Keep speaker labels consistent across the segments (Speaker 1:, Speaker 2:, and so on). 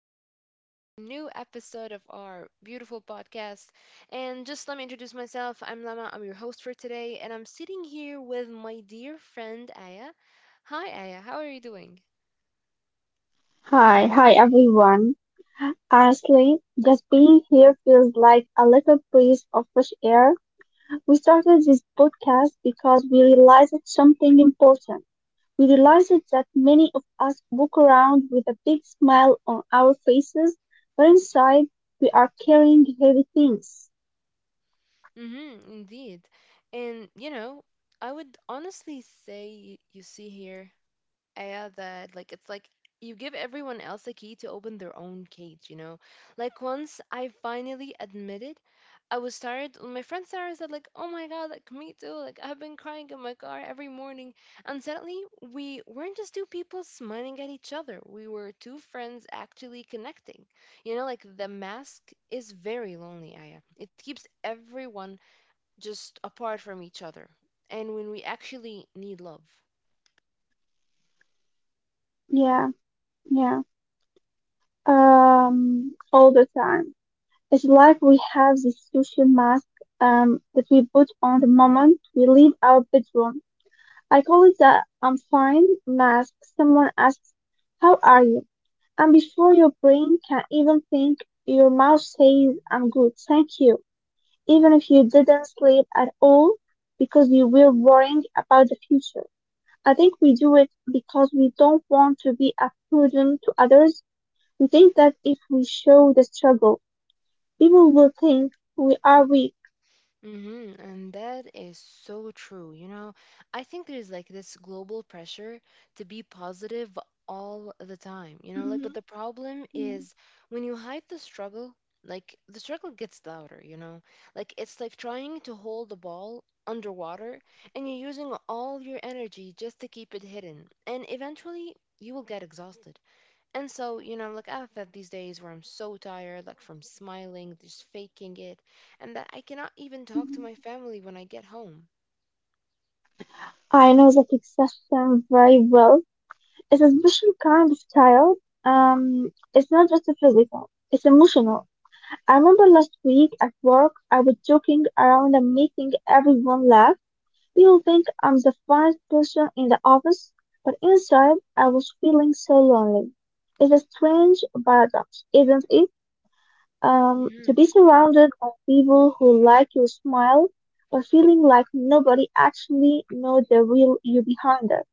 Speaker 1: back to a new episode of our beautiful podcast. And just let me introduce myself. I'm Lama, I'm your host for today, and I'm sitting here with my dear friend Aya. Hi Aya, how are you doing?
Speaker 2: Hi, hi everyone. Honestly, just being here feels like a little breeze of fresh air. We started this podcast because we realized something important. We realized that many of us walk around with a big smile on our faces, but inside we are carrying heavy things.
Speaker 1: Mm-hmm, indeed. And I would honestly say you see here. Yeah, that like it's like you give everyone else a key to open their own cage, Like once I finally admitted I was tired, my friend Sarah said like, "Oh my god, like me too. Like I've been crying in my car every morning." And suddenly we weren't just two people smiling at each other. We were two friends actually connecting. You know, like the mask is very lonely, Aya. It keeps everyone just apart from each other. And when we actually need love.
Speaker 2: Yeah, yeah. All the time. It's like we have this social mask that we put on the moment we leave our bedroom. I call it the undefined mask. Someone asks, how are you? And before your brain can even think, your mouth says, I'm good, thank you. Even if you didn't sleep at all because you were worrying about the future. I think we do it because we don't want to be a burden to others. We think that if we show the struggle, people will think we are weak.
Speaker 1: Hmm. And that is so true. You know, I think there's like this global pressure to be positive all the time, like, but
Speaker 2: Mhm.
Speaker 1: the problem is when you hide the struggle, like, the struggle gets louder, like, it's like trying to hold the ball underwater and you're using all your energy just to keep it hidden. And eventually, you will get exhausted. And so, like I've had these days where I'm so tired, like from smiling, just faking it, and that I cannot even talk to my family when I get home.
Speaker 2: I know that expression very well. It's a special kind of tired. It's not just physical. It's emotional. I remember last week at work, I was joking around and making everyone laugh. People think I'm the funniest person in the office, but inside, I was feeling so lonely. It's a strange paradox, isn't it? To
Speaker 1: Mm-hmm.
Speaker 2: be surrounded by people who like your smile, but feeling like nobody actually knows the real you behind it.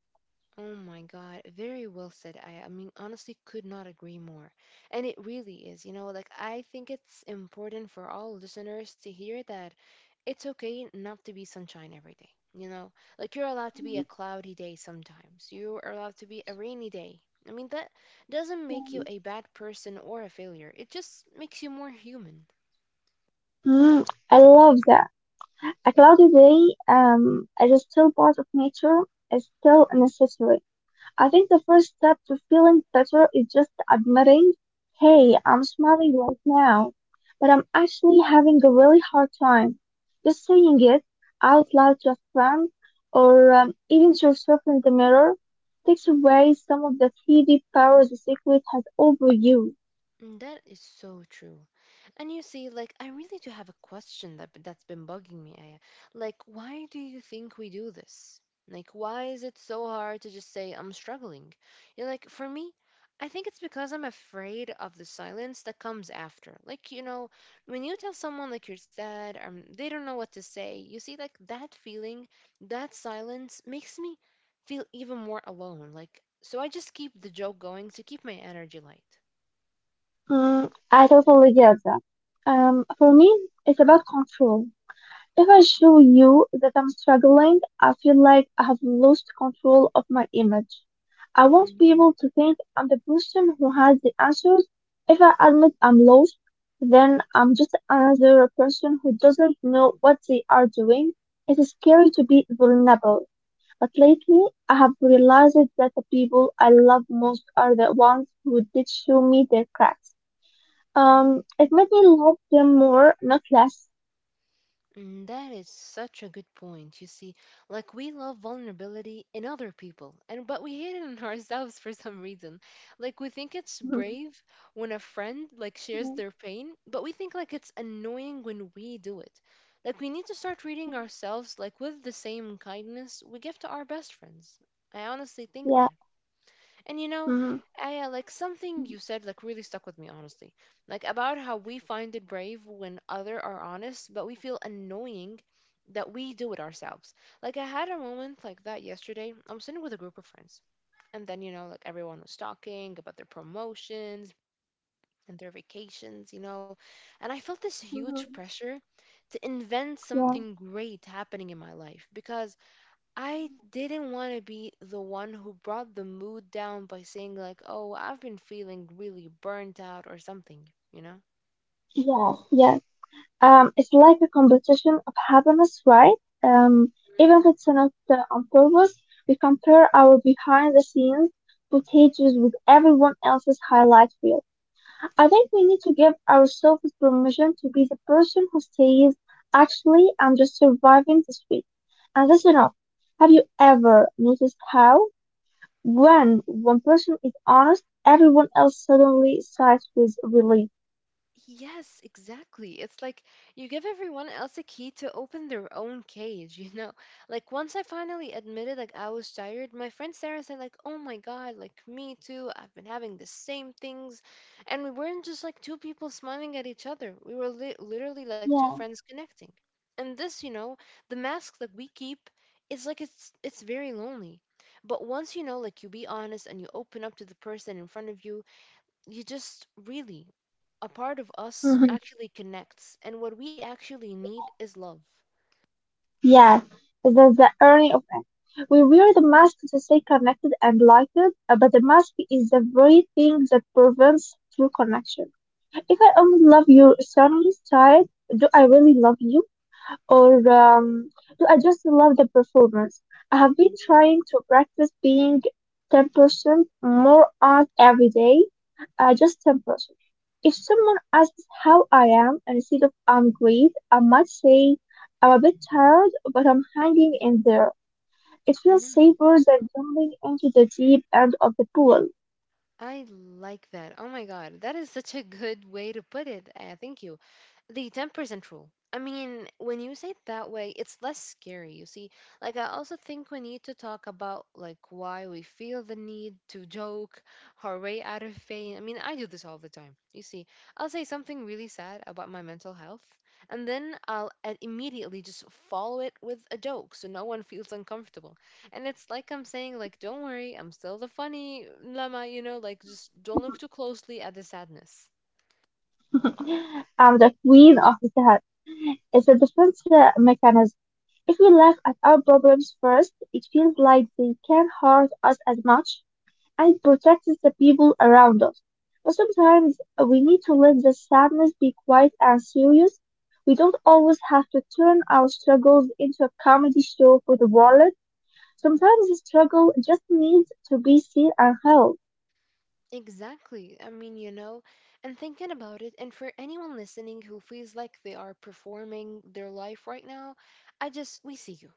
Speaker 1: Oh my God, very well said. I mean, honestly, could not agree more. And it really is, like I think it's important for all listeners to hear that it's okay not to be sunshine every day, like you're allowed to be a cloudy day sometimes, you're allowed to be a rainy day. I mean, that doesn't make you a bad person or a failure, it just makes you more human.
Speaker 2: Mm, I love that. A cloudy day is still part of nature, is still necessary. I think the first step to feeling better is just admitting, hey,
Speaker 1: Mm-hmm.
Speaker 2: I'm smiling right now, but I'm actually having a really hard time. Just saying it out loud to a friend or even to yourself in the mirror takes away some of the 3 power the secret has over you.
Speaker 1: Mm, that is so true. And you see, like, I really do have a question that's been bugging me, Aya. Like, why do you think we do this? Like, why is it so hard to just say I'm struggling? Like, for me, I think it's because I'm afraid of the silence that comes after. Like, you know, when you tell someone like you're sad, they don't know what to say. You see, like that feeling, that silence makes me feel even more alone. Like, so I just keep the joke going to keep my energy light.
Speaker 2: Mm, I totally get that. For me, it's about control. If I show you that I'm struggling, I feel like I have lost control of my image. I want people to think I'm the person who has the answers. If I admit I'm lost, then I'm just another person who doesn't know what they are doing. It is scary to be vulnerable, but lately I have realized that the people I love most are the ones who did show me their cracks.
Speaker 1: Mhm.
Speaker 2: It made me love them more, not less.
Speaker 1: Mm, that is such a good point. You see, like we love vulnerability in other people, and but we hate it in ourselves for some reason. Like we think it's brave when a friend like shares
Speaker 2: Mhm.
Speaker 1: their pain, but we think like it's annoying when we do it. Like we need to start treating ourselves like with the same kindness we give to our best friends. I honestly think
Speaker 2: Yeah,
Speaker 1: that. And you know,
Speaker 2: mhm,
Speaker 1: Aya, like something you
Speaker 2: mhm,
Speaker 1: said like really stuck with me honestly. Like about how we find it brave when other are honest, but we feel annoying that we do it ourselves. Like I had a moment like that yesterday. I'm sitting with a group of friends. And then, like everyone was talking about their promotions and their vacations, And I felt this huge
Speaker 2: mhm.
Speaker 1: pressure to invent
Speaker 2: Yeah,
Speaker 1: something great happening in my life because I didn't want to be the one who brought the mood down by saying, like, oh, I've been feeling really burnt out or something,
Speaker 2: yes, yes. It's like a competition of happiness, right? Even if it's not on purpose, we compare our behind the scenes footages with everyone else's highlight reel. I think we need to give ourselves permission to be the person who says, actually, I'm just surviving this week. And that's enough. Have you ever noticed how, when one person is honest, everyone else suddenly sighs with relief?
Speaker 1: Yes, exactly. It's like you give everyone else a key to open their own cage, . Like once I finally admitted like I was tired, my friend Sarah said like, "Oh my God, like me too. I've been having the same things." And we weren't just like two people smiling at each other. We were li literally like two
Speaker 2: Yeah.
Speaker 1: friends connecting. And this, the mask that we keep is like it's very lonely. But once like you be honest and you open up to the person in front of you, you just really a part of us
Speaker 2: Hmm.
Speaker 1: actually connects and what we actually need
Speaker 2: Yeah.
Speaker 1: is love.
Speaker 2: Yeah. That's the irony of it. We wear the mask to stay connected and lighted, but the mask is the very thing that prevents true connection. If I only love you suddenly side, do I really love you? Or do I just love the performance? I have been trying to practice being 10% more honest every day, just 10%. If someone asks how I am, and instead of I'm great, I might say I'm a bit tired, but I'm hanging in there. It feels
Speaker 1: Mhm.
Speaker 2: safer than jumping into the deep end of the pool.
Speaker 1: I like that. Oh my God, that is such a good way to put it. Thank you. The 10% rule. I mean, when you say it that way, it's less scary, you see. Like, I also think we need to talk about, like, why we feel the need to joke our way out of pain. I mean, I do this all the time, you see. I'll say something really sad about my mental health, and then I'll immediately just follow it with a joke so no one feels uncomfortable. And it's like I'm saying, like, don't worry, I'm still the funny llama, like, just don't look too closely at the sadness.
Speaker 2: I'm the queen of that. It's a defense mechanism. If we laugh at our problems first, it feels like they can't hurt us as much, and it protects the people around us. But sometimes we need to let the sadness be quiet and serious. We don't always have to turn our struggles into a comedy show for the world. Sometimes the struggle just needs to be seen and held.
Speaker 1: Exactly. I mean, and thinking about it, and for anyone listening who feels like they are performing their life right now, I just, we see you.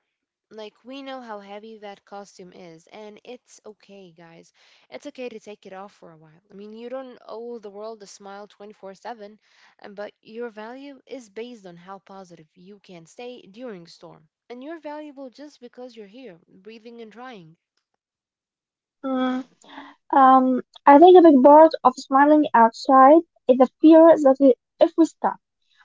Speaker 1: Like, we know how heavy that costume is, and it's okay, guys. It's okay to take it off for a while. I mean, you don't owe the world a smile 24/7, and- but your value is based on how positive you can stay during storm. And you're valuable just because you're here, breathing and trying.
Speaker 2: Mm. Um, I think a big part of smiling outside is the fear that we, if we stop,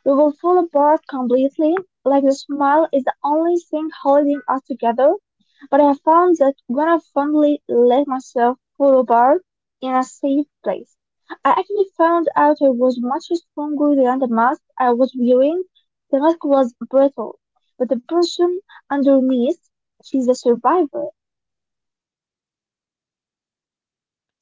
Speaker 2: we will fall apart completely. Like the smile is the only thing holding us together. But I found that when I finally let myself fall apart in a safe place, I actually found out I was much stronger than the mask I was wearing. The mask was brittle, but the person underneath, she's a survivor.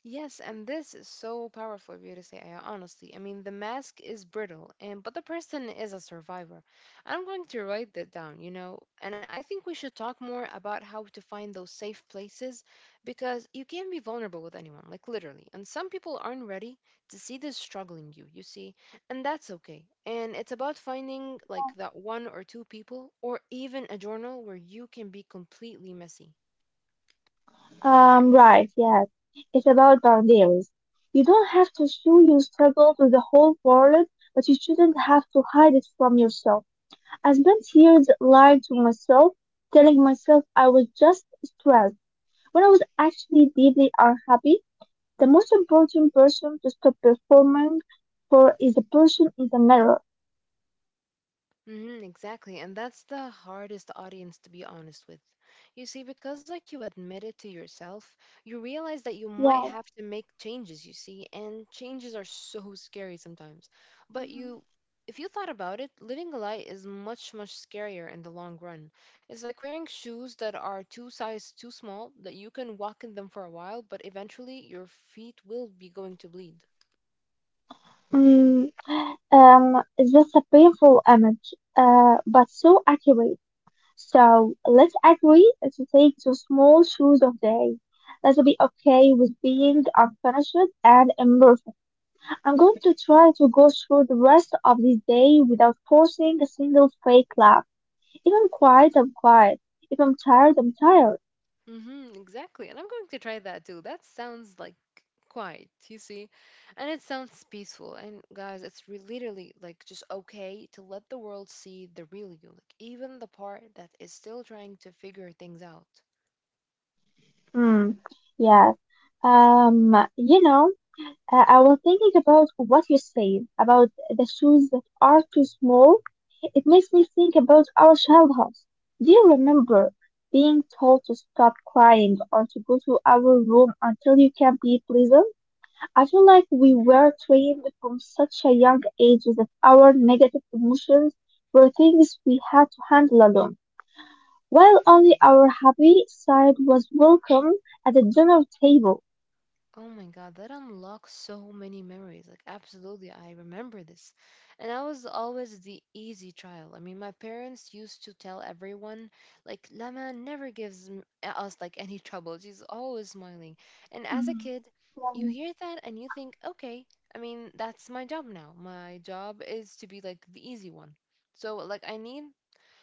Speaker 1: Yes, and this is so powerful of you to say, Aya, honestly. I mean, the mask is brittle, and but the person is a survivor. I'm going to write that down, and I think we should talk more about how to find those safe places because you can be vulnerable with anyone, like literally. And some people aren't ready to see this struggling you, you see, and that's okay. And it's about finding like that one or two people or even a journal where you can be completely messy.
Speaker 2: Right, yes. It's about boundaries. You don't have to show your struggle to the whole world, but you shouldn't have to hide it from yourself. I spent years lying to myself, telling myself I was just stressed. When I was actually deeply unhappy, the most important person to stop performing for is the person in the mirror.
Speaker 1: Mm-hmm, exactly. And that's the hardest audience to be honest with. You see, because like you admit it to yourself, you realize that you might
Speaker 2: Yeah.
Speaker 1: have to make changes, you see, and changes are so scary sometimes. But you if you thought about it, living a lie is much, much scarier in the long run. It's like wearing shoes that are two sizes too small, that you can walk in them for a while, but eventually your feet will be going to bleed.
Speaker 2: Mm, that's a painful image, but so accurate. So let's agree to take the small shoes of day. Let's be okay with being unfinished and imperfect. I'm going to try to go through the rest of this day without forcing a single fake laugh. If I'm quiet, I'm quiet. If I'm tired, I'm tired.
Speaker 1: Mm-hmm, exactly. And I'm going to try that too. That sounds like quiet, you see? And it sounds peaceful. And guys, it's literally like just okay to let the world see the real you, like even the part that is still trying to figure things out.
Speaker 2: Hmm, yes. Um, you know, I was thinking about what you said about the shoes that are too small. It makes me think about our childhoods. Do you remember being told to stop crying or to go to our room until you can be pleasant? I feel like we were trained from such a young age that our negative emotions were things we had to handle alone. While only our happy side was welcome at the dinner table.
Speaker 1: Oh my god, that unlocks so many memories. Like, absolutely, I remember this. And I was always the easy child. I mean, my parents used to tell everyone, like, Lama never gives us, like, any trouble. She's always smiling. And as a
Speaker 2: Mhm.
Speaker 1: kid, you hear that and you think, okay, I mean, that's my job now. My job is to be, like, the easy one. So, like, I need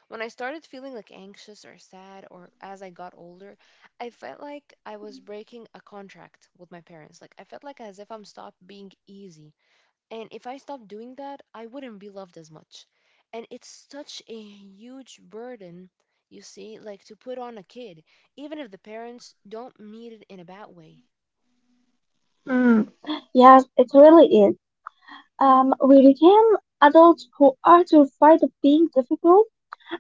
Speaker 1: when I started feeling like anxious or sad, or as I got older, I felt like I was breaking a contract with my parents. Like, I felt like as if I'm stopped being easy. And if I stopped doing that, I wouldn't be loved as much. And it's such a huge burden, you see, like to put on a kid, even if the parents don't mean it in a bad way.
Speaker 2: Mm, yes, it really is. We became adults who are terrified of being difficult.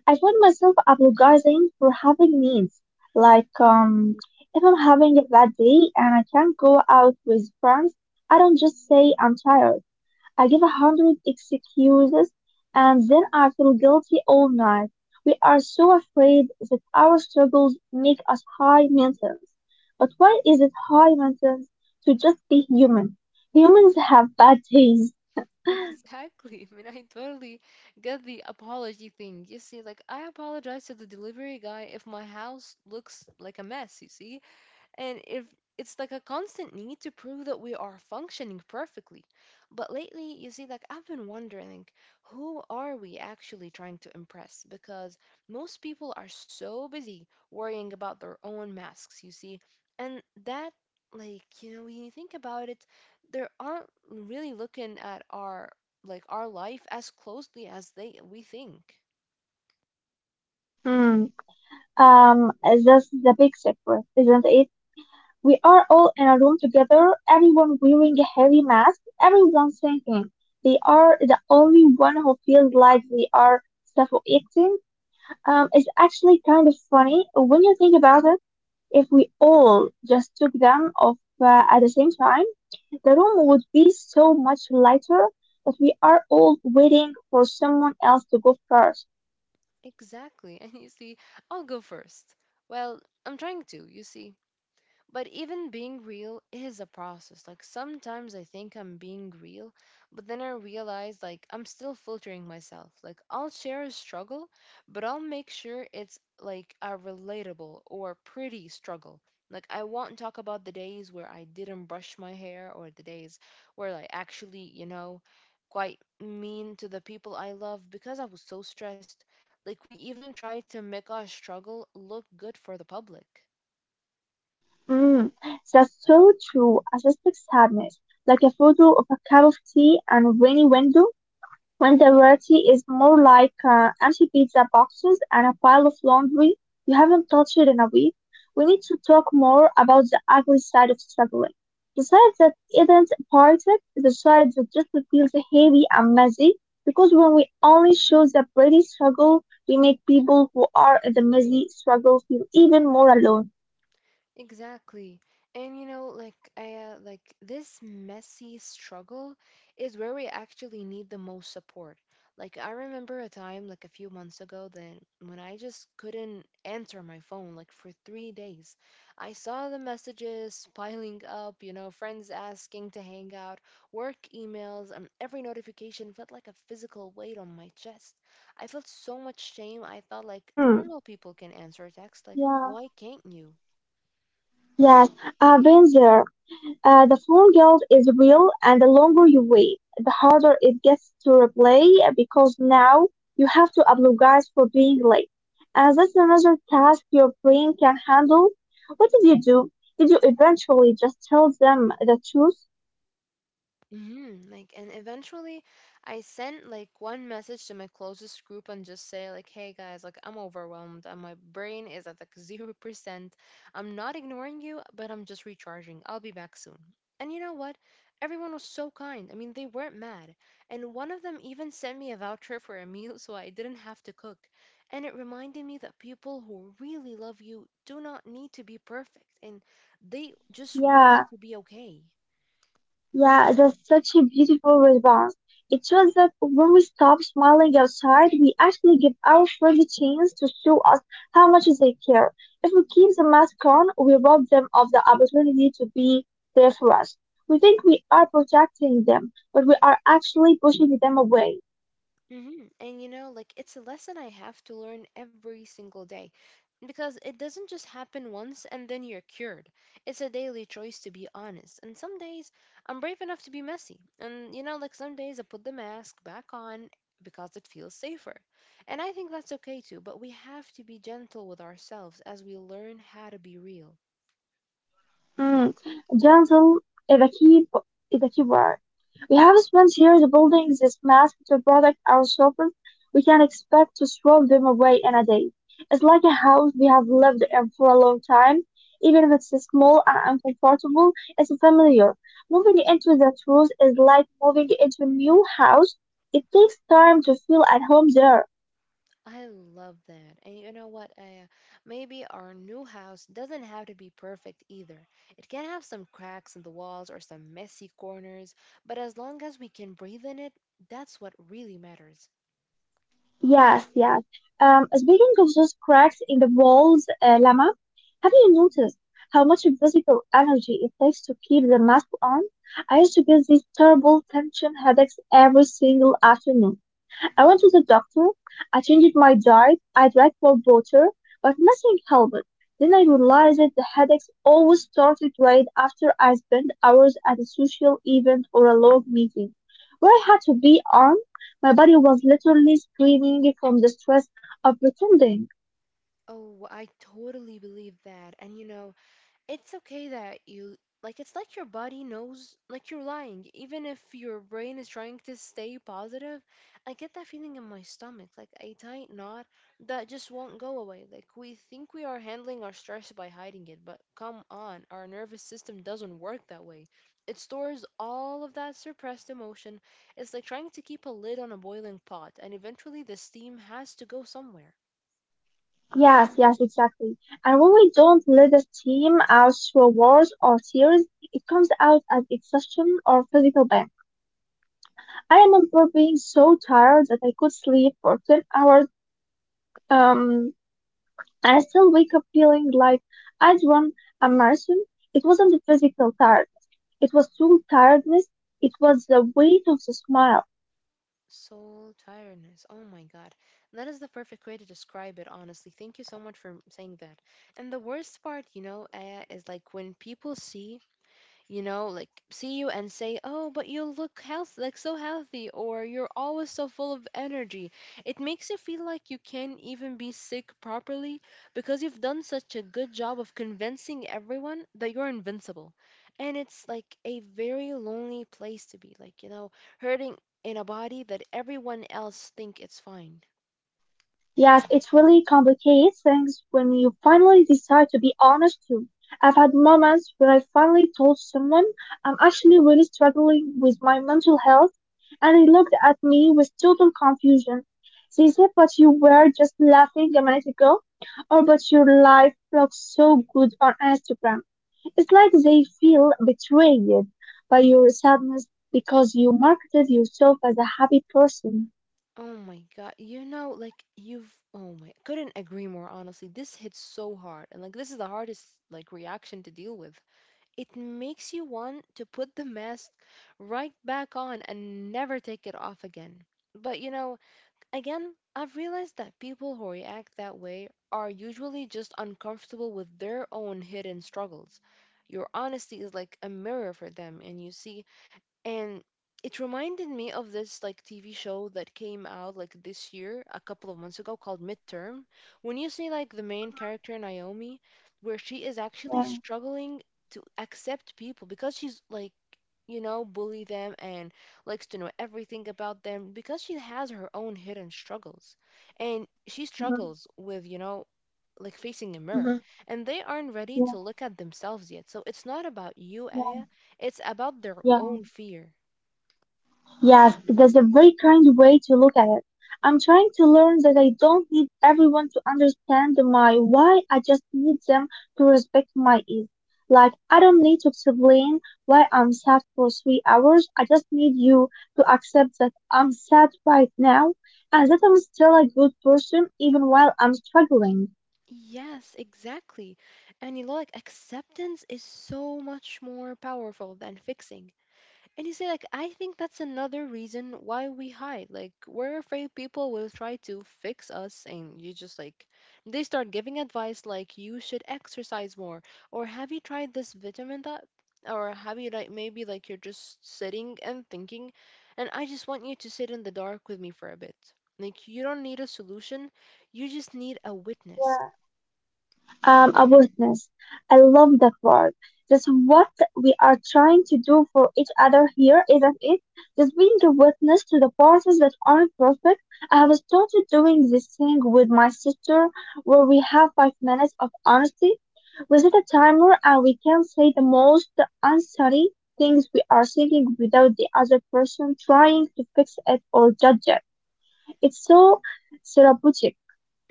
Speaker 2: I find myself apologizing for having needs. Like, um, if I'm having a bad day and I can't go out with friends, I don't just say I'm tired. I give a hundred excuses and then I feel guilty all night. We are so afraid that our struggles make us high maintenance. But why is it high maintenance to just be human? Humans have bad days.
Speaker 1: Exactly. I mean, I totally get the apology thing. You see, like, I apologize to the delivery guy if my house looks like a mess, you see? And if it's like a constant need to prove that we are functioning perfectly. But lately, you see, like I've been wondering, like, who are we actually trying to impress? Because most people are so busy worrying about their own masks, you see. And that, like, when you think about it, they aren't really looking at our like our life as closely as they we think.
Speaker 2: Hmm. That's the big secret, isn't it? We are all in a room together, everyone wearing a heavy mask, everyone thinking they are the only one who feels like they are suffocating. It's actually kind of funny when you think about it. If we all just took them off at the same time, the room would be so much lighter, but we are all waiting for someone else to go first.
Speaker 1: Exactly. And you see, I'll go first. Well, I'm trying to, you see. But even being real is a process. Like sometimes I think I'm being real, but then I realize like I'm still filtering myself. Like I'll share a struggle, but I'll make sure it's like a relatable or pretty struggle. Like I won't talk about the days where I didn't brush my hair or the days where I actually, quite mean to the people I love because I was so stressed. Like we even try to make our struggle look good for the public.
Speaker 2: Mm, that's so true. A suspect sadness, like a photo of a cup of tea and a rainy window. When the reality is more like empty pizza boxes and a pile of laundry you haven't touched in a week, we need to talk more about the ugly side of struggling. The side that isn't parted, the side that just feels heavy and messy, because when we only show the pretty struggle, we make people who are in the messy struggle feel even more alone.
Speaker 1: Exactly. And like I like this messy struggle is where we actually need the most support. Like I remember a time like a few months ago that when I just couldn't answer my phone like for 3 days. I saw the messages piling up, you know, friends asking to hang out, work emails, and every notification felt like a physical weight on my chest. I felt so much shame. I thought like
Speaker 2: Mm,
Speaker 1: normal people can answer a text, like
Speaker 2: yeah.
Speaker 1: why can't you?
Speaker 2: Yes, I've been there. The phone guilt is real, and the longer you wait, the harder it gets to replay because now you have to apologize for being late. And that's another task your brain can handle. What did you do? Did you eventually just tell them the truth?
Speaker 1: Mm-hmm. And eventually I sent like one message to my closest group and just say, like, hey guys, like, I'm overwhelmed and my brain is at like 0%. I'm not ignoring you, but I'm just recharging. I'll be back soon. And you know what? Everyone was so kind. I mean, they weren't mad. And one of them even sent me a voucher for a meal so I didn't have to cook. And it reminded me that people who really love you do not need to be perfect and they just want you
Speaker 2: Yeah,
Speaker 1: to be okay.
Speaker 2: yeah, that's such a beautiful response. It shows that when we stop smiling outside, we actually give our friends a chance to show us how much they care. If we keep the mask on, we rob them of the opportunity to be there for us. We think we are protecting them, but we are actually pushing them away.
Speaker 1: Hmm. And you know, like it's a lesson I have to learn every single day because it doesn't just happen once and then you're cured. It's a daily choice to be honest. And some days I'm brave enough to be messy. And you know, like some days I put the mask back on because it feels safer. And I think that's okay too, but we have to be gentle with ourselves as we learn how to be real.
Speaker 2: Mm. Johnson is a key is a key word. We have spent years building this mass to protect our surface. We can expect to throw them away in a day. It's like a house we have lived in for a long time. Even if it's small and uncomfortable, it's familiar. Moving into that house is like moving into a new house. It takes time to feel at home there.
Speaker 1: I love that. And you know what? Maybe our new house doesn't have to be perfect either. It can have some cracks in the walls or some messy corners, but as long as we can breathe in it, that's what really matters.
Speaker 2: Yes, yes. Speaking of those cracks in the walls, Lama, have you noticed how much physical energy it takes to keep the mask on? I used to get these terrible tension headaches every single afternoon. I went to the doctor, I changed my diet, I drank more water, but nothing helped. Then I realized that the headaches always started right after I spent hours at a social event or a long meeting. Where I had to be on. My body was literally screaming from the stress of pretending.
Speaker 1: Oh, I totally believe that. And you know, it's okay that you like it's like your body knows like you're lying even if your brain is trying to stay positive. I get that feeling in my stomach like a tight knot that just won't go away. Like we think we are handling our stress by hiding it, but come on, our nervous system doesn't work that way. It stores all of that suppressed emotion. It's like trying to keep a lid on a boiling pot and eventually the steam has to go somewhere.
Speaker 2: Yes, yes, exactly. And when we don't let the steam out through words or tears, it comes out as exhaustion or physical pain. I remember being so tired that I could sleep for 10 hours um, and I still wake up feeling like I'd run a marathon. It wasn't the physical tired, it was soul tiredness, it was the weight of the smile.
Speaker 1: Soul tiredness. Oh my God. That is the perfect way to describe it, honestly. Thank you so much for saying that. And the worst part, you know, Aya, is like when people see you and say, "Oh, but you look health like so healthy," or "You're always so full of energy." It makes you feel like you can't even be sick properly because you've done such a good job of convincing everyone that you're invincible. And it's like a very lonely place to be, like, you know, hurting in a body that everyone else think it's fine.
Speaker 2: Yes, it really complicates things when you finally decide to be honest too. I've had moments where I finally told someone I'm actually really struggling with my mental health, and they looked at me with total confusion. They said, but you were just laughing a minute ago, or but your life looks so good on Instagram. It's like they feel betrayed by your sadness because you marketed yourself as a happy person.
Speaker 1: Oh my god, you know, like you've oh my couldn't agree more, honestly. This hits so hard and like this is the hardest like reaction to deal with. It makes you want to put the mask right back on and never take it off again. But you know, again, I've realized that people who react that way are usually just uncomfortable with their own hidden struggles. Your honesty is like a mirror for them, and and it reminded me of this like TV show that came out like this year a couple of months ago called Midterm. When you see like the main character Naomi, where she is actually
Speaker 2: Yeah.
Speaker 1: struggling to accept people because she's like, you know, bully them and likes to know everything about them because she has her own hidden struggles and she
Speaker 2: Hmm.
Speaker 1: struggles with, you know, like facing a mirror
Speaker 2: Hmm.
Speaker 1: and they aren't ready to look at themselves yet, so it's not about you, Aya, it's about their
Speaker 2: Yeah,
Speaker 1: own fear.
Speaker 2: yes, that's a very kind way to look at it. I'm trying to learn that I don't need everyone to understand my why, I just need them to respect my ease. Like, I don't need to explain why I'm sad for 3 hours, I just need you to accept that I'm sad right now and that I'm still a good person even while I'm struggling.
Speaker 1: Yes, exactly. And you know, like acceptance is so much more powerful than fixing. And you say like, I think that's another reason why we hide. Like, we're afraid people will try to fix us, and you just like, they start giving advice like, you should exercise more, or have you tried this vitamin that, or have you like maybe like you're just sitting and thinking, and I just want you to sit in the dark with me for a bit. Like, you don't need a solution, you just need a witness.
Speaker 2: A witness. I love that word. That's what we are trying to do for each other here, isn't it? Just being a witness to the parties that aren't perfect. I have started doing this thing with my sister where we have 5 minutes of honesty. We set a timer and we can say the most unfunny things we are thinking without the other person trying to fix it or judge it. It's so therapeutic.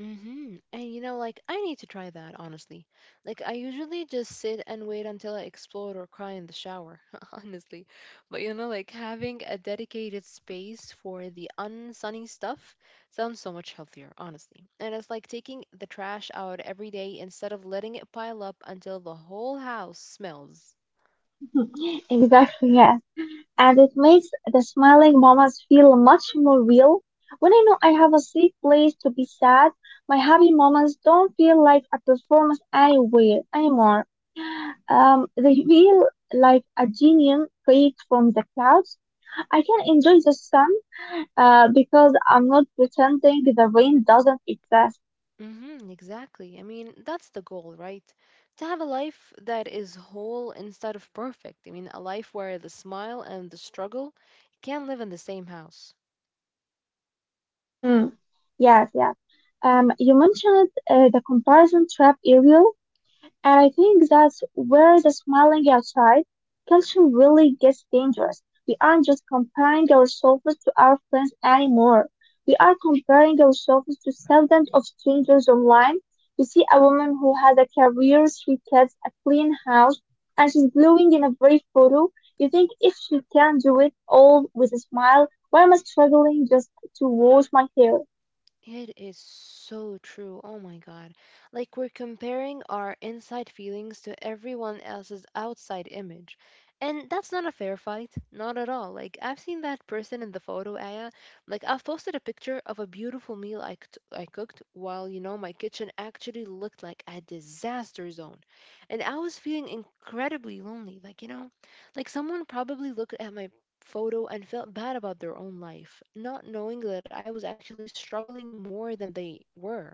Speaker 1: Mm-hmm. And you know, like I need to try that, honestly. Like I usually just sit and wait until I explode or cry in the shower, honestly. But you know, like having a dedicated space for the unsunny stuff sounds so much healthier, honestly. And it's like taking the trash out every day instead of letting it pile up until the whole house smells.
Speaker 2: Exactly, yes. And it makes the smiling moments feel much more real. When I know I have a safe place to be sad, my happy moments don't feel like a performance anywhere anymore. They feel like a genuine create from the clouds. I can enjoy the sun because I'm not pretending the rain doesn't exist.
Speaker 1: Mm-hmm, exactly. I mean, that's the goal, right? To have a life that is whole instead of perfect. I mean, a life where the smile and the struggle can live in the same house.
Speaker 2: Hmm. Yes, yes. You mentioned the comparison trap, Ariel. And I think that's where the smiling outside culture really gets dangerous. We aren't just comparing ourselves to our friends anymore. We are comparing ourselves to thousands of strangers online. We see a woman who has a career, 3 kids, a clean house, and she's glowing in a brave photo. You think if she can do it all with a smile, why am I struggling just to wash my hair?
Speaker 1: It is so true. Oh my God. Like we're comparing our inside feelings to everyone else's outside image. And that's not a fair fight. Not at all. Like I've seen that person in the photo, Aya. Like I've posted a picture of a beautiful meal I cooked while, you know, my kitchen actually looked like a disaster zone. And I was feeling incredibly lonely. Like, you know, like someone probably looked at my photo and felt bad about their own life, not knowing that I was actually struggling more than they were.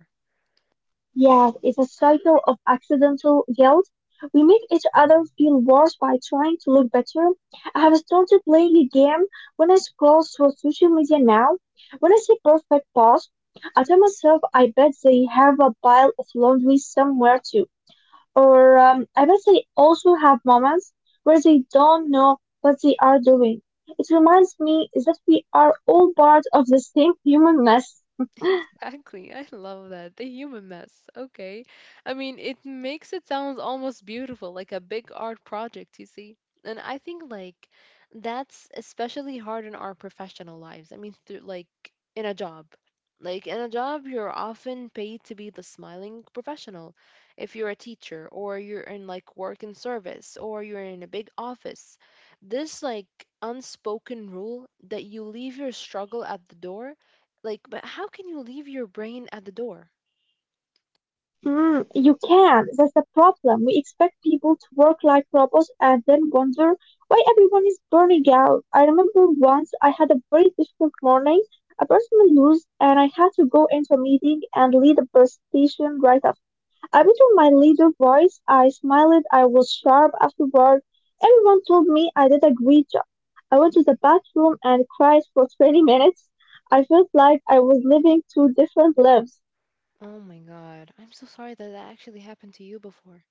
Speaker 2: Yeah, it's a cycle of accidental guilt. We make each other feel worse by trying to look better. I have started playing a game when I scroll through social media now. When I see perfect posts, I tell myself I bet they have a pile of laundry somewhere too. Or I bet they also have moments where they don't know what they are doing. It reminds me that we are all part of the same human mess.
Speaker 1: Exactly. I love that. The human mess. Okay. I mean, it makes it sound almost beautiful, like a big art project, you see. And I think like that's especially hard in our professional lives. I mean, through like in a job. Like in a job, you're often paid to be the smiling professional. If you're a teacher or you're in like work and service or you're in a big office, this like unspoken rule that you leave your struggle at the door like, but how can you leave your brain at the door?
Speaker 2: Mm, you can. That's the problem. We expect people to work like robots and then wonder why everyone is burning out. I remember once I had a very difficult morning, a personal loss, and I had to go into a meeting and lead a presentation right after. I put on my leader voice. I smiled. I was sharp afterward. Everyone told me I did a great job. I went to the bathroom and cried for 20 minutes. I felt like I was living two different lives.
Speaker 1: Oh my God. I'm so sorry that that actually happened to you before.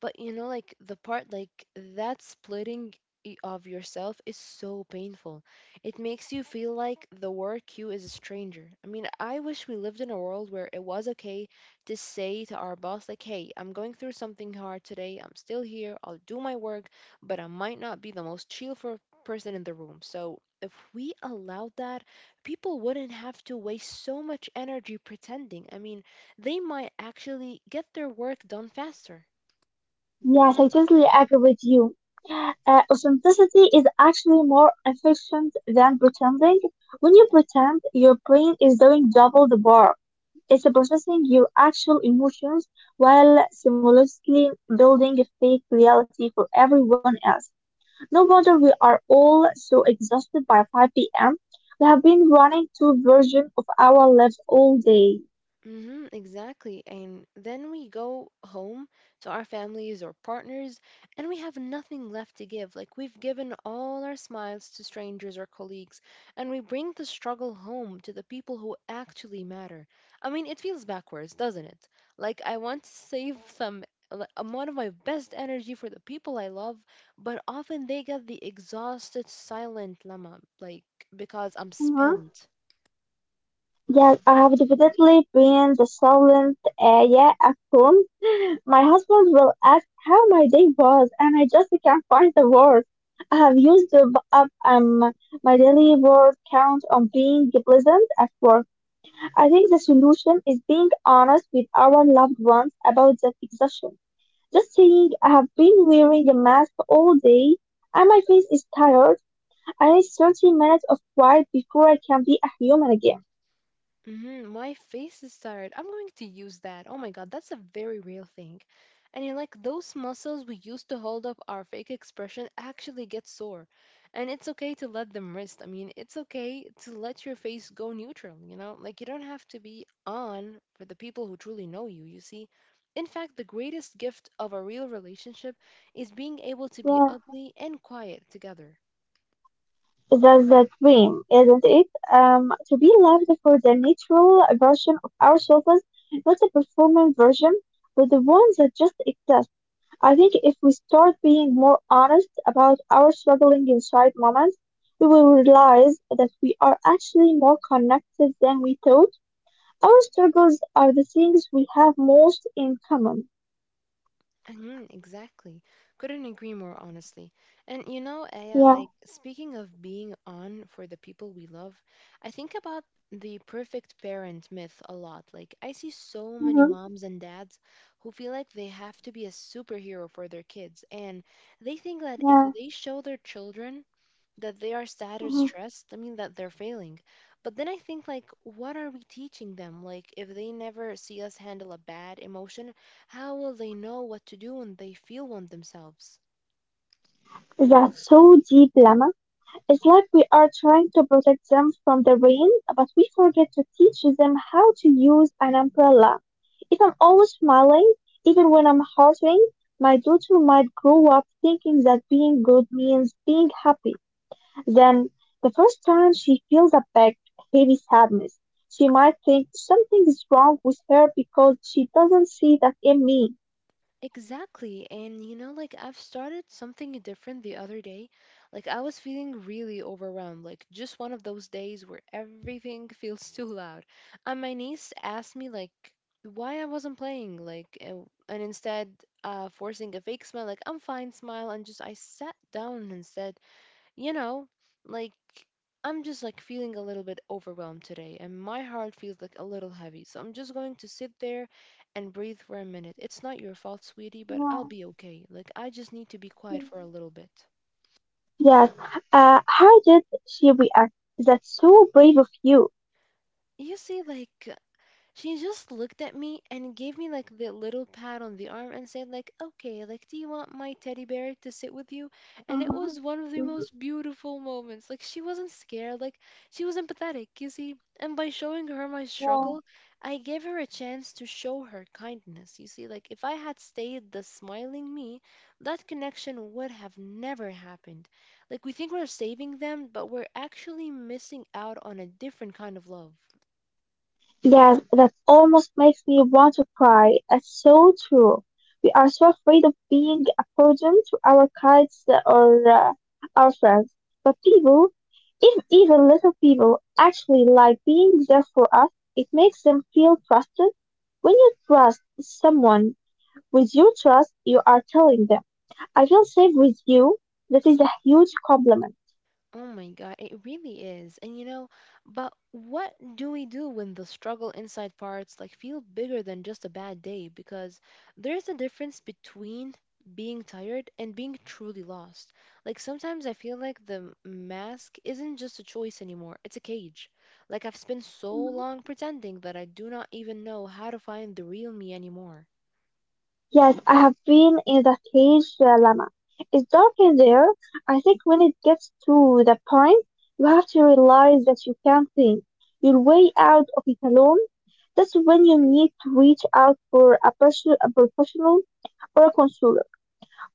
Speaker 1: But you know, like the part like that splitting of yourself is so painful. It makes you feel like the work you is a stranger. I mean, I wish we lived in a world where it was okay to say to our boss like, "Hey, I'm going through something hard today. I'm still here. I'll do my work, but I might not be the most chill for person in the room." So, if we allowed that, people wouldn't have to waste so much energy pretending. I mean, they might actually get their work done faster.
Speaker 2: Yes, I totally agree with you. Authenticity is actually more efficient than pretending. When you pretend, your brain is doing double the work. It's processing your actual emotions while simultaneously building a fake reality for everyone else. No wonder we are all so exhausted by 5 p.m. We have been running two versions of our lives all day.
Speaker 1: Mm-hmm, exactly. And then we go home to our families or partners, and we have nothing left to give. Like we've given all our smiles to strangers or colleagues, and we bring the struggle home to the people who actually matter. I mean, it feels backwards, doesn't it? Like I want to save some like, one of my best energy for the people I love, but often they get the exhausted, silent llama, like because I'm spent.
Speaker 2: Yes, I have definitely been the silent yeah at home. My husband will ask how my day was, and I just can't find the words. I have used up my daily word count on being pleasant at work. I think the solution is being honest with our loved ones about the exhaustion. Just saying I have been wearing a mask all day and my face is tired. I need 30 minutes of quiet before I can be a human again.
Speaker 1: Mhm, my face is tired. I'm going to use that. Oh my god, that's a very real thing. And you're like, those muscles we used to hold up our fake expression actually get sore. And it's okay to let them rest. I mean, it's okay to let your face go neutral, you know? Like, you don't have to be on for the people who truly know you, you see? In fact, the greatest gift of a real relationship is being able to be
Speaker 2: Yeah.
Speaker 1: ugly and quiet together.
Speaker 2: That's the dream, isn't it? To be loved for the natural version of ourselves, not a performance version, but the one that just exists. I think if we start being more honest about our struggling inside moments, we will realize that we are actually more connected than we thought. Our struggles are the things we have most in common.
Speaker 1: Mhm, exactly. Couldn't agree more, honestly. And you know, Aya,
Speaker 2: Yeah.
Speaker 1: like speaking of being on for the people we love, I think about the perfect parent myth a lot. Like, I see so many
Speaker 2: Hmm.
Speaker 1: moms and dads who feel like they have to be a superhero for their kids, and they think that if
Speaker 2: Yeah.
Speaker 1: they show their children that they are sad or
Speaker 2: Mhm.
Speaker 1: stressed, I mean, that they're failing. But then I think, like, what are we teaching them? Like, if they never see us handle a bad emotion, how will they know what to do when they feel one themselves?
Speaker 2: That's so deep, Lama. It's like we are trying to protect them from the rain, but we forget to teach them how to use an umbrella. If I'm always smiling, even when I'm hurting, my daughter might grow up thinking that being good means being happy. Then, the first time she feels a big, heavy sadness, she might think something is wrong with her because she doesn't see that in me.
Speaker 1: Exactly. And you know, like I've started something different the other day. Like I was feeling really overwhelmed, like just one of those days where everything feels too loud. And my niece asked me like why I wasn't playing, like and instead forcing a fake smile, like I'm fine smile and just I sat down and said, you know, like I'm just like feeling a little bit overwhelmed today and my heart feels like a little heavy. So I'm just going to sit there and breathe for a minute. It's not your fault, sweetie, but I'll
Speaker 2: Wow.
Speaker 1: be okay. Like I just need to be quiet for a little bit.
Speaker 2: Yes. How did she react? That's so brave of you.
Speaker 1: You see, like, she just looked at me and gave me like the little pat on the arm and said like, "Okay, like do you want my teddy bear to sit with you?" And it
Speaker 2: Uh-huh.
Speaker 1: was one of the
Speaker 2: Mm-hmm.
Speaker 1: most beautiful moments. Like she wasn't scared, like she was empathetic, you see. And by showing her my
Speaker 2: Yeah.
Speaker 1: struggle, I gave her a chance to show her kindness. You see, like if I had stayed the smiling me, that connection would have never happened. Like we think we're saving them, but we're actually missing out on a different kind of love.
Speaker 2: Yes, that almost makes me want to cry. It's so true. We are so afraid of being a burden to our kids or our friends. But people, if even little people, actually like being there for us, it makes them feel trusted. When you trust someone with your trust, you are telling them, I feel safe with you. That is a huge compliment.
Speaker 1: Oh my God, it really is. And you know, but what do we do when the struggle inside parts like feel bigger than just a bad day? Because there's a difference between being tired and being truly lost. Like sometimes I feel like the mask isn't just a choice anymore, it's a cage. Like I've spent so long pretending that I do not even know how to find the real me anymore.
Speaker 2: Yes, I have been in the cage it's dark in there. I think when it gets to the point, you have to realize that you can't think your way out of it alone. That's when you need to reach out for a, person, a professional or a counselor,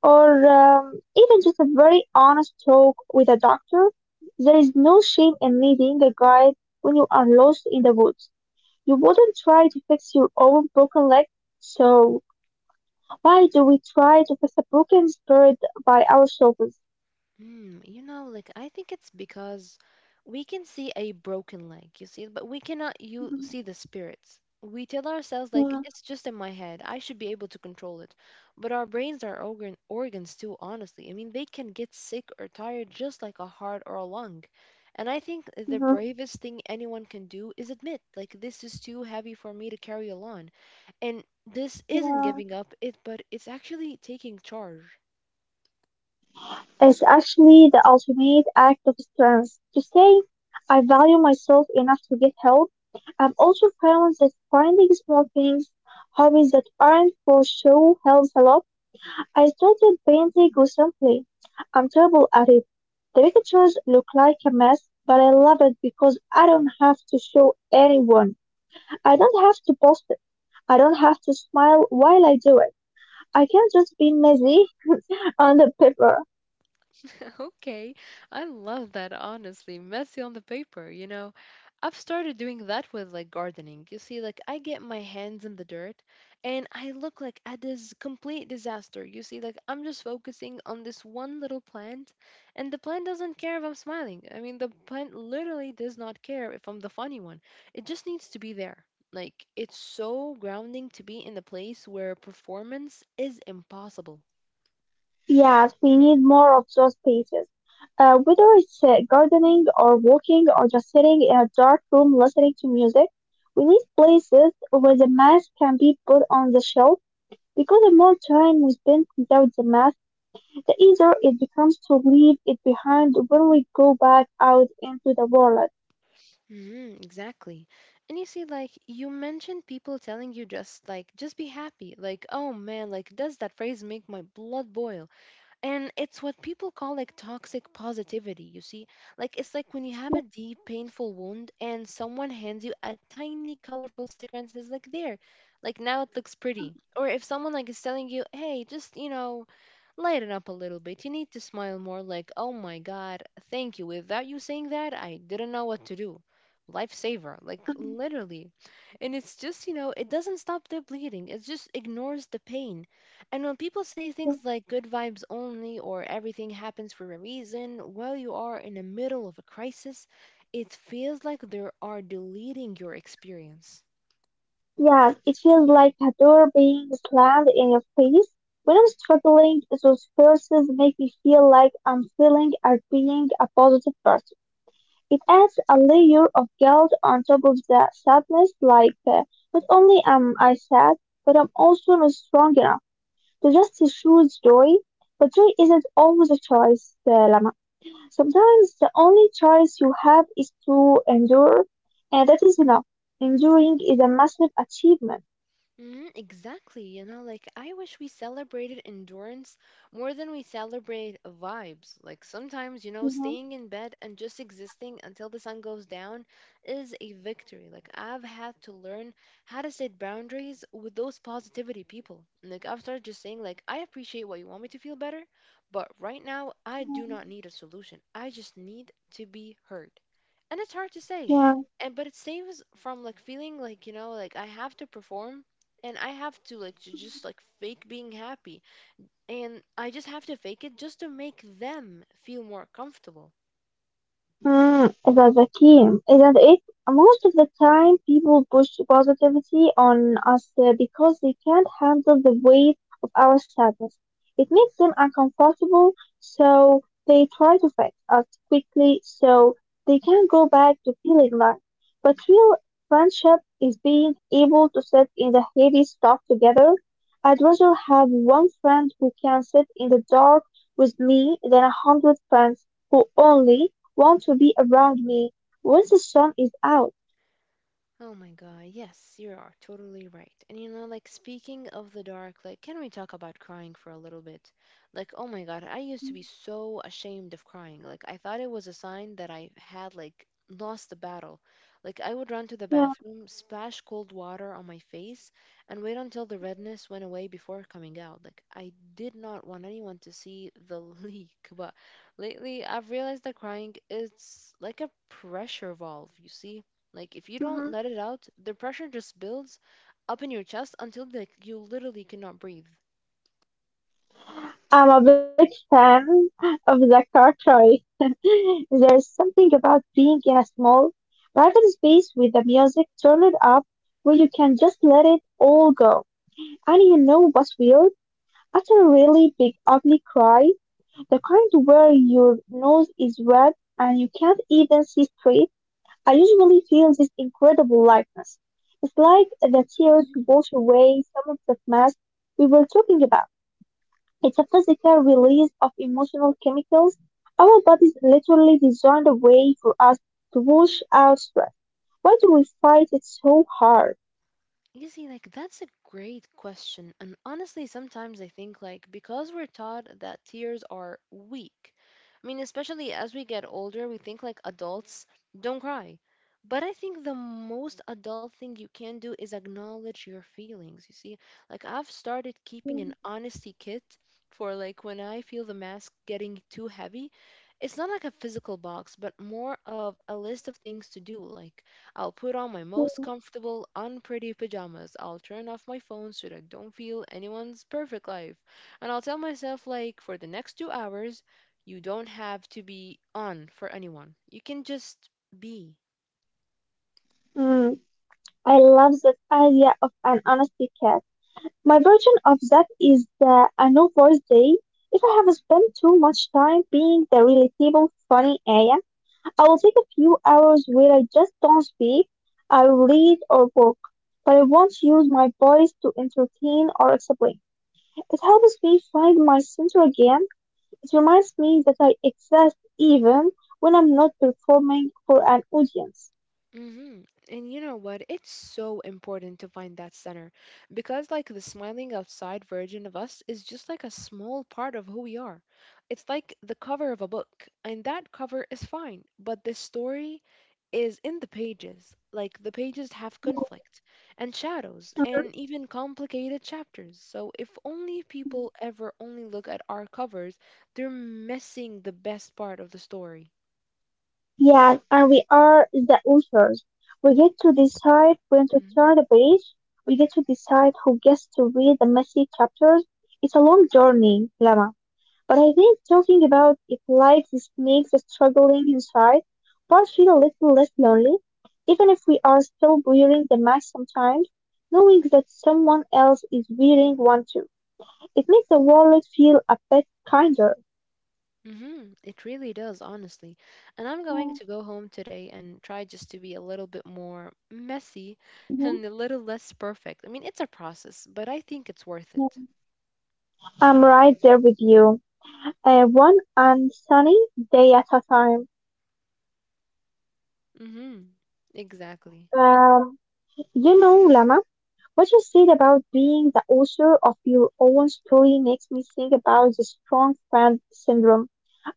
Speaker 2: or even just a very honest talk with a doctor. There is no shame in needing a guide when you are lost in the woods. You wouldn't try to fix your own broken leg, so why do we try to fix a broken spirit by ourselves?
Speaker 1: Hmm, you know, like I think it's because we can see a broken leg, you see, but we cannot you
Speaker 2: Mhm.
Speaker 1: see the spirits. We tell ourselves like
Speaker 2: Yeah.
Speaker 1: it's just in my head. I should be able to control it. But our brains are organs too, honestly. I mean, they can get sick or tired just like a heart or a lung. And I think the
Speaker 2: Mhm.
Speaker 1: bravest thing anyone can do is admit, like this is too heavy for me to carry alone. And this isn't
Speaker 2: Yeah.
Speaker 1: giving up it, but it's actually taking charge.
Speaker 2: It's actually the ultimate act of strength. To say, I value myself enough to get help. I've also found that finding small things, hobbies that aren't for show helps a lot. I started painting recently. I'm terrible at it. The pictures look like a mess, but I love it because I don't have to show anyone. I don't have to post I don't have to smile while I do it. I can just be messy on the paper.
Speaker 1: Okay, I love that, honestly. Messy on the paper, you know. I've started doing that with like gardening. You see, like I get my hands in the dirt and I look like a dis complete disaster. You see, like I'm just focusing on this one little plant and the plant doesn't care if I'm smiling. I mean, the plant literally does not care if I'm the funny one. It just needs to be there. Like, it's so grounding to be in the place where performance is impossible.
Speaker 2: Yes, we need more of those spaces. Whether it's gardening or walking or just sitting in a dark room listening to music, we need places where the mask can be put on the shelf because the more time we spend without the mask, the easier it becomes to leave it behind when we go back out into the world.
Speaker 1: Mm, exactly. And you see, like, you mentioned people telling you just, like, just be happy. Like, oh man, like, does that phrase make my blood boil? And it's what people call, like, toxic positivity, you see? Like, it's like when you have a deep, painful wound and someone hands you a tiny, colorful sticker and says, like, there, like, now it looks pretty. Or if someone, like, is telling you, hey, just, you know, lighten up a little bit. You need to smile more like, oh my god, thank you. Without you saying that, I didn't know what to do. Lifesaver, like literally. And it's just, you know, it doesn't stop the bleeding, it just ignores the pain. And when people say
Speaker 2: Yeah.
Speaker 1: things like good vibes only or everything happens for a reason while you are in the middle of a crisis, it feels like they are deleting your experience.
Speaker 2: Yes, it feels like a door being slammed in your face. When I'm struggling, those verses make me feel like I'm failing at being a positive person. It adds a layer of guilt on top of the sadness, like not only am I sad, but I'm also not strong enough to just choose joy. But joy isn't always a choice, Lama. Sometimes the only choice you have is to endure, and that is enough. Enduring is a massive achievement.
Speaker 1: Mm, exactly. You know, like I wish we celebrated endurance more than we celebrate vibes. Like sometimes, you know,
Speaker 2: Mhm.
Speaker 1: staying in bed and just existing until the sun goes down is a victory. Like I've had to learn how to set boundaries with those positivity people. Like I've started just saying like I appreciate what you want me to feel better, but right now I do not need a solution. I just need to be heard. And it's hard to say.
Speaker 2: Yeah.
Speaker 1: And but it saves from like feeling like, you know, like I have to perform and I have to like to just like fake being happy and I just have to fake it just to make them feel more comfortable.
Speaker 2: Mm, that's the key, isn't it? Most of the time, people push positivity on us because they can't handle the weight of our sadness. It makes them uncomfortable, so they try to fix us quickly so they can go back to feeling light. But real friendship is being able to sit in the heavy stuff together. I'd rather have one friend who can sit in the dark with me than 100 friends who only want to be around me once the sun is out.
Speaker 1: Oh my god, yes, you are totally right. And you know, like speaking of the dark, like can we talk about crying for a little bit? Like, oh my god, I used to be so ashamed of crying. Like I thought it was a sign that I had like lost the battle. Like I would run to the
Speaker 2: Yeah.
Speaker 1: bathroom, splash cold water on my face, and wait until the
Speaker 2: Mhm,
Speaker 1: redness went away before coming out. Like I did not want anyone to see the leak, but lately I've realized that crying is like a pressure valve, you see? Like if you don't
Speaker 2: mhm.
Speaker 1: let it out, the pressure just builds up in your chest until like you literally cannot breathe.
Speaker 2: I'm a big fan of the Karkari. There is something about being in a small, private space with the music turned up where you can just let it all go. And you know what's weird? After a really big, ugly cry, the kind where your nose is red and you can't even see straight, I usually feel this incredible lightness. It's like the tears
Speaker 1: Mhm.
Speaker 2: wash away some of the mask we were talking about. It's a physical release of emotional chemicals. Our bodies literally designed a way for us to wash out stress. Why do we fight it so hard?
Speaker 1: You see, like, that's a great question. And honestly, sometimes I think, like, because we're taught that tears are weak, I mean, especially as we get older, we think, like, adults don't cry. But I think the most adult thing you can do is acknowledge your feelings. You see, like, I've started keeping an
Speaker 2: Mm,
Speaker 1: honesty kit for, like, when I feel the mask getting too heavy. It's not like a physical box, but more of a list of things to do, like, I'll put on my most
Speaker 2: yeah.
Speaker 1: comfortable, unpretty pajamas. I'll turn off my phone so that I don't feel anyone's perfect life. And I'll tell myself, like, for the next 2 hours, you don't have to be on for anyone. You can just be.
Speaker 2: Mm, I love that idea of an honesty cat. My version of that is the a no voice day. If I have spent too much time being the relatable funny Aya, I will take a few hours where I just don't speak. I will read or work, but I won't use my voice to entertain or explain. It helps me find my center again. It reminds me that I exist even when I'm not performing for an audience.
Speaker 1: Hmm. And you know what? It's so important to find that center because, like, the smiling outside version of us is just like a small part of who we are. It's like the cover of a book, and that cover is fine, but the story is in the pages. Like, the pages have
Speaker 2: Oh.
Speaker 1: conflict and shadows and
Speaker 2: Mhm.
Speaker 1: even complicated chapters. So, if only people ever only look at our covers, they're missing the best part of the story.
Speaker 2: Yeah, and we are the authors. We get to decide when to
Speaker 1: Mm-hmm.
Speaker 2: turn the page. We get to decide who gets to read the messy chapters. It's a long journey, Lama. But I think talking about it like this makes the struggling inside part feel a little less lonely, even if we are still wearing the mask sometimes. Knowing that someone else is wearing one too, it makes the world feel a bit kinder.
Speaker 1: Hmm, it really does, honestly. And I'm going
Speaker 2: Mm,
Speaker 1: to go home today and try just to be a little bit more messy
Speaker 2: mhm,
Speaker 1: and a little less perfect. I mean, it's a process, but I think it's worth it.
Speaker 2: yeah. I'm right there with you. One and sunny day at a time.
Speaker 1: Hmm. Exactly.
Speaker 2: Um, Lama. What you said about being the author of your own story makes me think about the strong friend syndrome.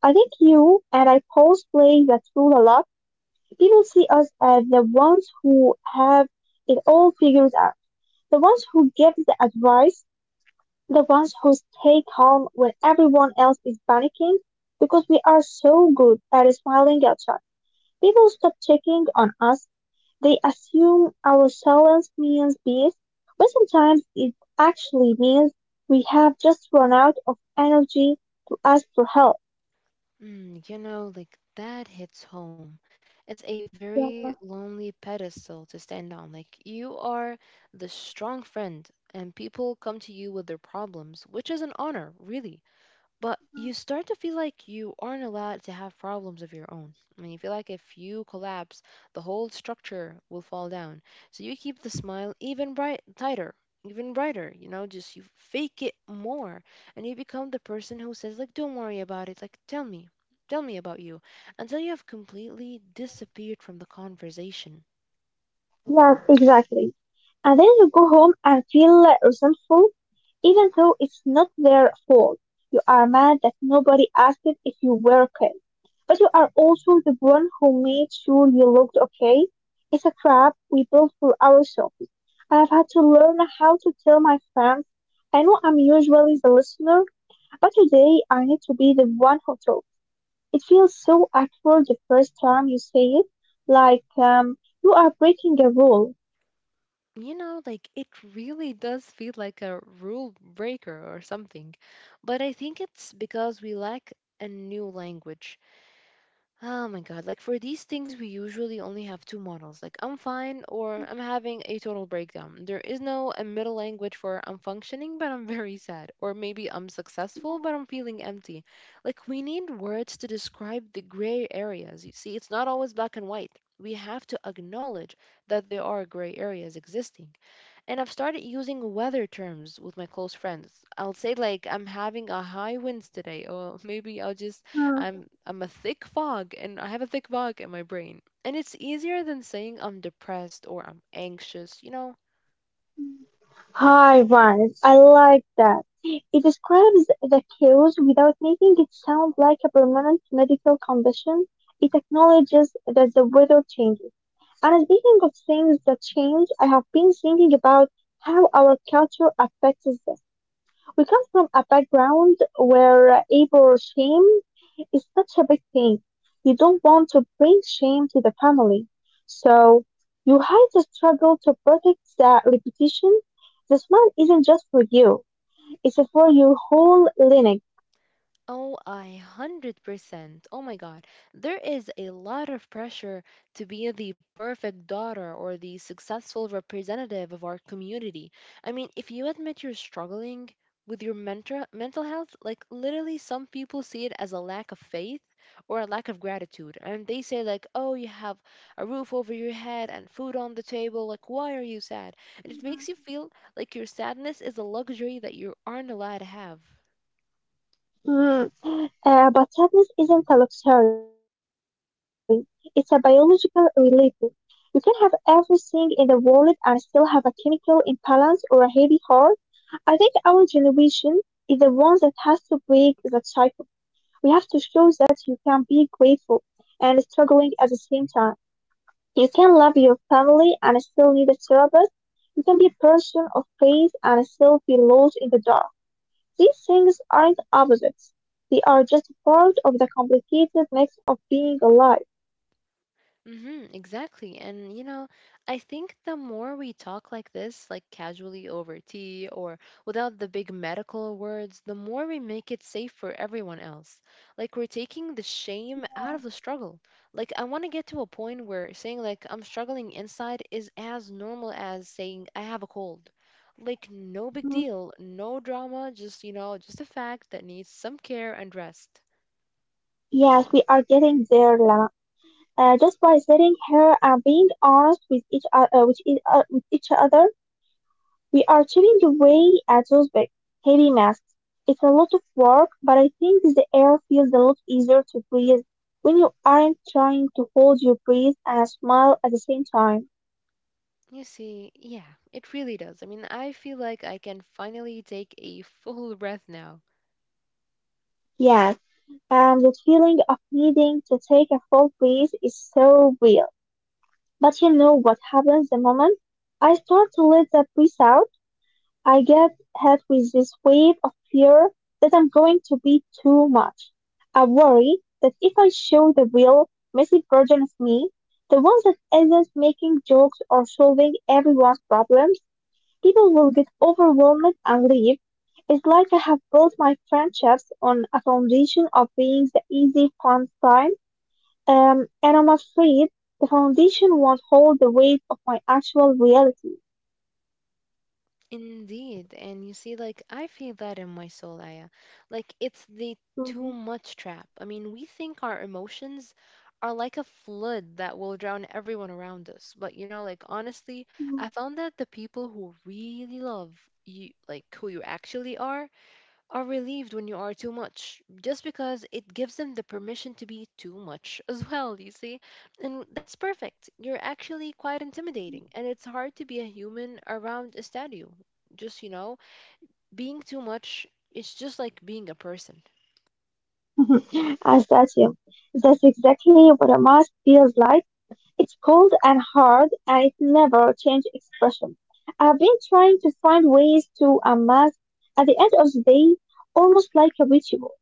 Speaker 2: I think you and I both play that role a lot. People see us as the ones who have it all figured out, the ones who give the advice, the ones who stay calm when everyone else is panicking, because we are so good at smiling outside. People stop checking on us. They assume our silence means peace, but sometimes it actually means we have just run out of energy to ask for help.
Speaker 1: Mm, you know, like that hits home. It's a very
Speaker 2: Yeah.
Speaker 1: lonely pedestal to stand on. Like, you are the strong friend, and people come to you with their problems, which is an honor, really. But you start to feel like you aren't allowed to have problems of your own. I mean, you feel like if you collapse, the whole structure will fall down. So you keep the smile even bright, tighter, even brighter. You know, just you fake it more, and you become the person who says like, "Don't worry about it. Like, tell me about you," until you have completely
Speaker 2: Mm.
Speaker 1: disappeared from the conversation.
Speaker 2: Yes, exactly. And then you go home and feel resentful, even though it's not their fault. You are mad that nobody asked if you were okay. But you are also the one who made sure you looked okay. It's a trap we built for ourselves. I've had to learn how to tell my friends. I know I'm usually the listener, but today I need to be the one who talks. It feels so awkward the first time you say it, like you are breaking a rule.
Speaker 1: You know, like it really does feel like a rule breaker or something. But I think it's because we lack a new language. Oh my god, like for these things, we usually only have two models like I'm fine or I'm having a total breakdown. There is no a middle language for I'm functioning but I'm very sad, or maybe I'm successful but I'm feeling empty. Like we need words to describe the gray areas. You see, it's not always black and white. We have to acknowledge that there are gray areas existing. And I've started using weather terms with my close friends. I'll say like I'm having a high winds today, or maybe I'll just
Speaker 2: Hmm.
Speaker 1: I'm a thick fog and I have a thick fog in my brain. And it's easier than saying I'm depressed or I'm anxious, you know?
Speaker 2: Hi, rise. I like that. It describes the chaos without making it sound like a permanent medical condition. It acknowledges that the weather changes. And speaking of things that change, I have been thinking about how our culture affects this. We come from a background where able shame is such a big thing. You don't want to bring shame to the family. So you hide the struggle to protect the reputation. The smile isn't just for you, it's for your whole lineage.
Speaker 1: Oh, I 100%. Oh my God. There is a lot of pressure to be the perfect daughter or the successful representative of our community. I mean, if you admit you're struggling with your mental health, like literally some people see it as a lack of faith or a lack of gratitude. And they say like, "Oh, you have a roof over your head and food on the table. Like, why are you sad?" And it makes you feel like your sadness is a luxury that you aren't allowed to have.
Speaker 2: Mm. But sadness isn't a luxury, it's a biological reality. You can have everything in the world and still have a chemical imbalance or a heavy heart. I think our generation is the one that has to break that cycle. We have to show that you can be grateful and struggling at the same time. You can love your family and still need a therapist. You can be a person of faith and still be lost in the dark. These things aren't opposites. They are just part of the complicated mix of being alive.
Speaker 1: Mm-hmm, exactly. And you know, I think the more we talk like this, like casually over tea or without the big medical words, the more we make it safe for everyone else. Like we're taking the shame out
Speaker 2: Yeah.
Speaker 1: of the struggle. Like I want to get to a point where saying like I'm struggling inside is as normal as saying I have a cold. Like no big
Speaker 2: Mhm.
Speaker 1: deal, no drama, just you know, just a fact that needs some care and rest.
Speaker 2: Yes, we are getting there, Lama. Just by sitting here and being honest with each other we are changing the way adults big, heavy masks. It's a lot of work, but I think the air feels a lot easier to breathe when you aren't trying to hold your breath and smile at the same time.
Speaker 1: You see, yeah, it really does. I mean, I feel like I can finally take a full breath now.
Speaker 2: Yes, and the feeling of needing to take a full breath is so real. But you know what happens the moment I start to let that breath out? I get hit with this wave of fear that I'm going to be too much. I worry that if I show the real, messy version of me, the one that isn't making jokes or solving everyone's problems, people will get overwhelmed and leave. It's like I have built my friendships on a foundation of being the easy, fun kind, and I'm afraid the foundation won't hold the weight of my actual reality.
Speaker 1: Indeed. And you see, like, I feel that in my soul, Aya. Like, it's the too much trap. I mean, we think our emotions are like a flood that will drown everyone around us. But, you know, like, honestly,
Speaker 2: Mm.
Speaker 1: I found that the people who really love you, like, who you actually are relieved when you are too much just because it gives them the permission to be too much as well, you see, and that's perfect. You're actually quite intimidating and it's hard to be a human around a statue, just you know, being too much, it's just like being a person.
Speaker 2: As that's you. That's exactly what a mask feels like. It's cold and hard and it never changed expression. I've been trying to find ways to unmask at the end of the day, almost like a ritual.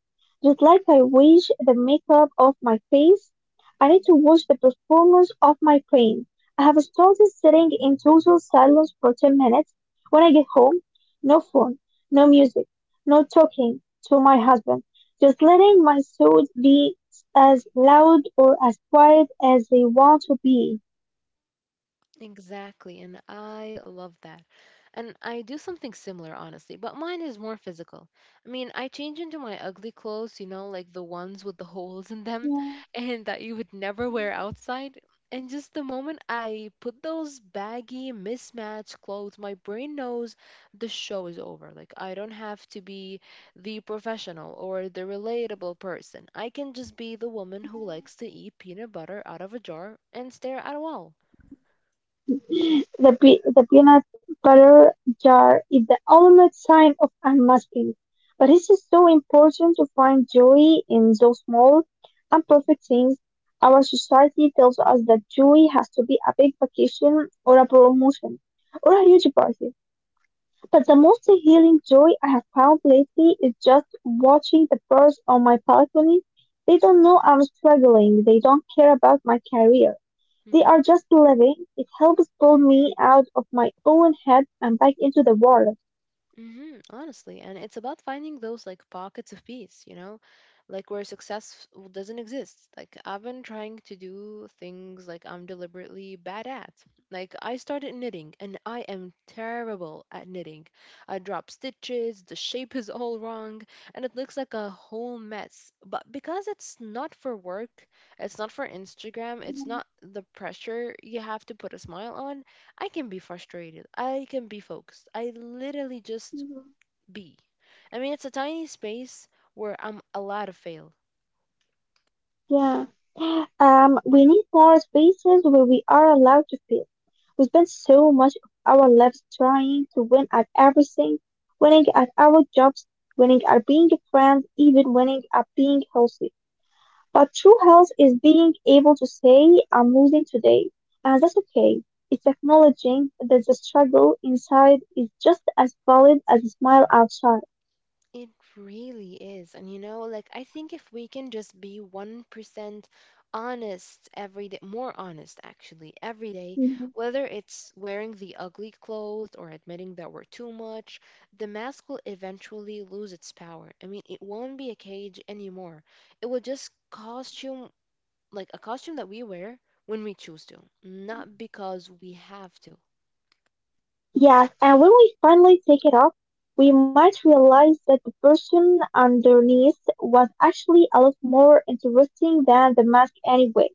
Speaker 2: Just like I wash the makeup off my face, I need to wash the performance off my brain. I have started sitting in total silence for 10 minutes. When I get home, no phone, no music, no talking to my husband, just letting my thoughts be as loud or as quiet as they want to be.
Speaker 1: Exactly, and I love that. And I do something similar, honestly, but mine is more physical. I mean, I change into my ugly clothes, you know, like the ones with the holes in them
Speaker 2: Yeah.
Speaker 1: and that you would never wear outside. And just the moment I put those baggy, mismatched clothes, my brain knows the show is over. Like, I don't have to be the professional or the relatable person. I can just be the woman who likes to eat peanut butter out of a jar and stare at a wall.
Speaker 2: The peanut butter jar is the ultimate sign of unmasking. But it is so important to find joy in those small, imperfect things. Our society tells us that joy has to be a big vacation or a promotion or a huge party. But the most healing joy I have found lately is just watching the birds on my balcony. They don't know I'm struggling. They don't care about my career. They
Speaker 1: Mm-hmm.
Speaker 2: are just living. It helps pull me out of my own head and back into the world.
Speaker 1: Hmm, honestly, and it's about finding those like pockets of peace, you know, like where success doesn't exist. Like I've been trying to do things like I'm deliberately bad at. Like I started knitting and I am terrible at knitting. I drop stitches, the shape is all wrong, and it looks like a whole mess. But because it's not for work, it's not for Instagram, it's
Speaker 2: Mhm,
Speaker 1: not the pressure you have to put a smile on, I can be frustrated. I can be focused. I literally just
Speaker 2: mhm.
Speaker 1: be. I mean, it's a tiny space where I'm allowed to fail.
Speaker 2: Yeah. We need more spaces where we are allowed to feel. We spend so much of our lives trying to win at everything, winning at our jobs, winning at being a friend, even winning at being healthy. But true health is being able to say, I'm losing today, and that's okay. It's acknowledging that the struggle inside is just as valid as the smile outside.
Speaker 1: It really is. And you know, like, I think if we can just be 1% honest every day, more honest actually, every day,
Speaker 2: Mhm.
Speaker 1: whether it's wearing the ugly clothes or admitting that we're too much, the mask will eventually lose its power. I mean, it won't be a cage anymore. It will just costume like a costume that we wear when we choose to, not because we have to.
Speaker 2: Yes, and when we finally take it off, we might realize that the person underneath was actually a lot more interesting than the mask anyway.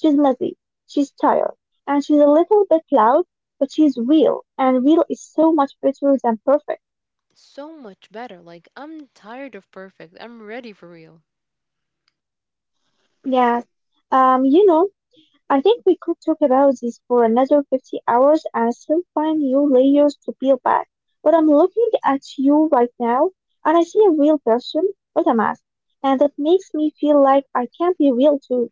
Speaker 2: She's messy, she's tired, and she's a little bit loud, but she's real, and real is so much better than perfect.
Speaker 1: So much better. Like, I'm tired of perfect. I'm ready for real.
Speaker 2: Yes. Um, you know, I think we could talk about this for another 50 hours and still find new layers to peel back. But I'm looking at you right now, and I see a real person, not a mask, and that makes me feel like I can be real too.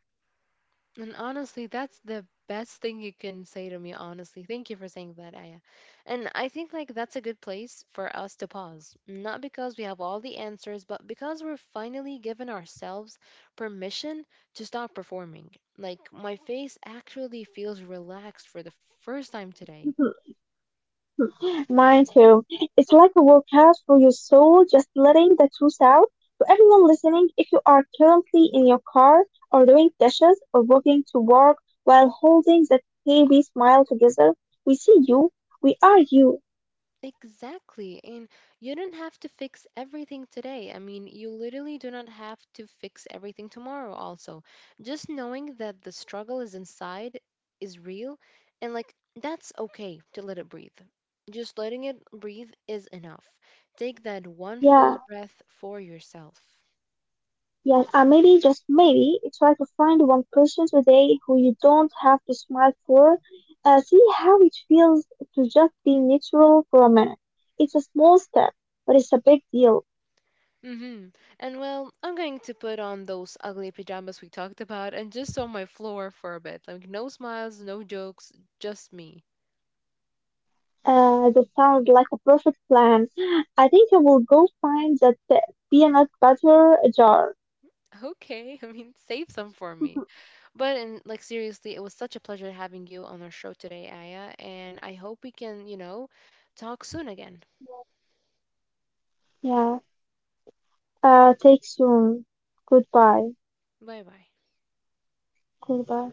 Speaker 1: And honestly, that's the best thing you can say to me, honestly. Thank you for saying that, Aya. And I think, like, that's a good place for us to pause. Not because we have all the answers, but because we're finally given ourselves permission to stop performing. Like, my face actually feels relaxed for the first time today.
Speaker 2: Mine too. It's like a workout for your soul, just letting the truth out. To everyone listening, if you are currently in your car or doing dishes or walking to work while holding that heavy smile together, we see you. We are you.
Speaker 1: Exactly. And you don't have to fix everything today. I mean, you literally do not have to fix everything tomorrow, also. Just knowing that the struggle is inside is real and like that's okay to let it breathe. Just letting it breathe is enough. Take that one
Speaker 2: Yeah,
Speaker 1: full breath for yourself.
Speaker 2: yeah. And maybe, just maybe, try to find one person today who you don't have to smile for. See how it feels to just be natural for a minute. It's a small step, but it's a big deal.
Speaker 1: Mm-hmm. And well, I'm going to put on those ugly pajamas we talked about and just on my floor for a bit. Like, no smiles, no jokes, just me.
Speaker 2: That sounds like a perfect plan. I think I will go find that peanut butter jar.
Speaker 1: Okay, I mean, save some for me. But and like seriously, it was such a pleasure having you on our show today, Aya, and I hope we can, you know, talk soon again.
Speaker 2: Yeah. Yeah. Take soon. Goodbye.
Speaker 1: Bye bye.
Speaker 2: Goodbye.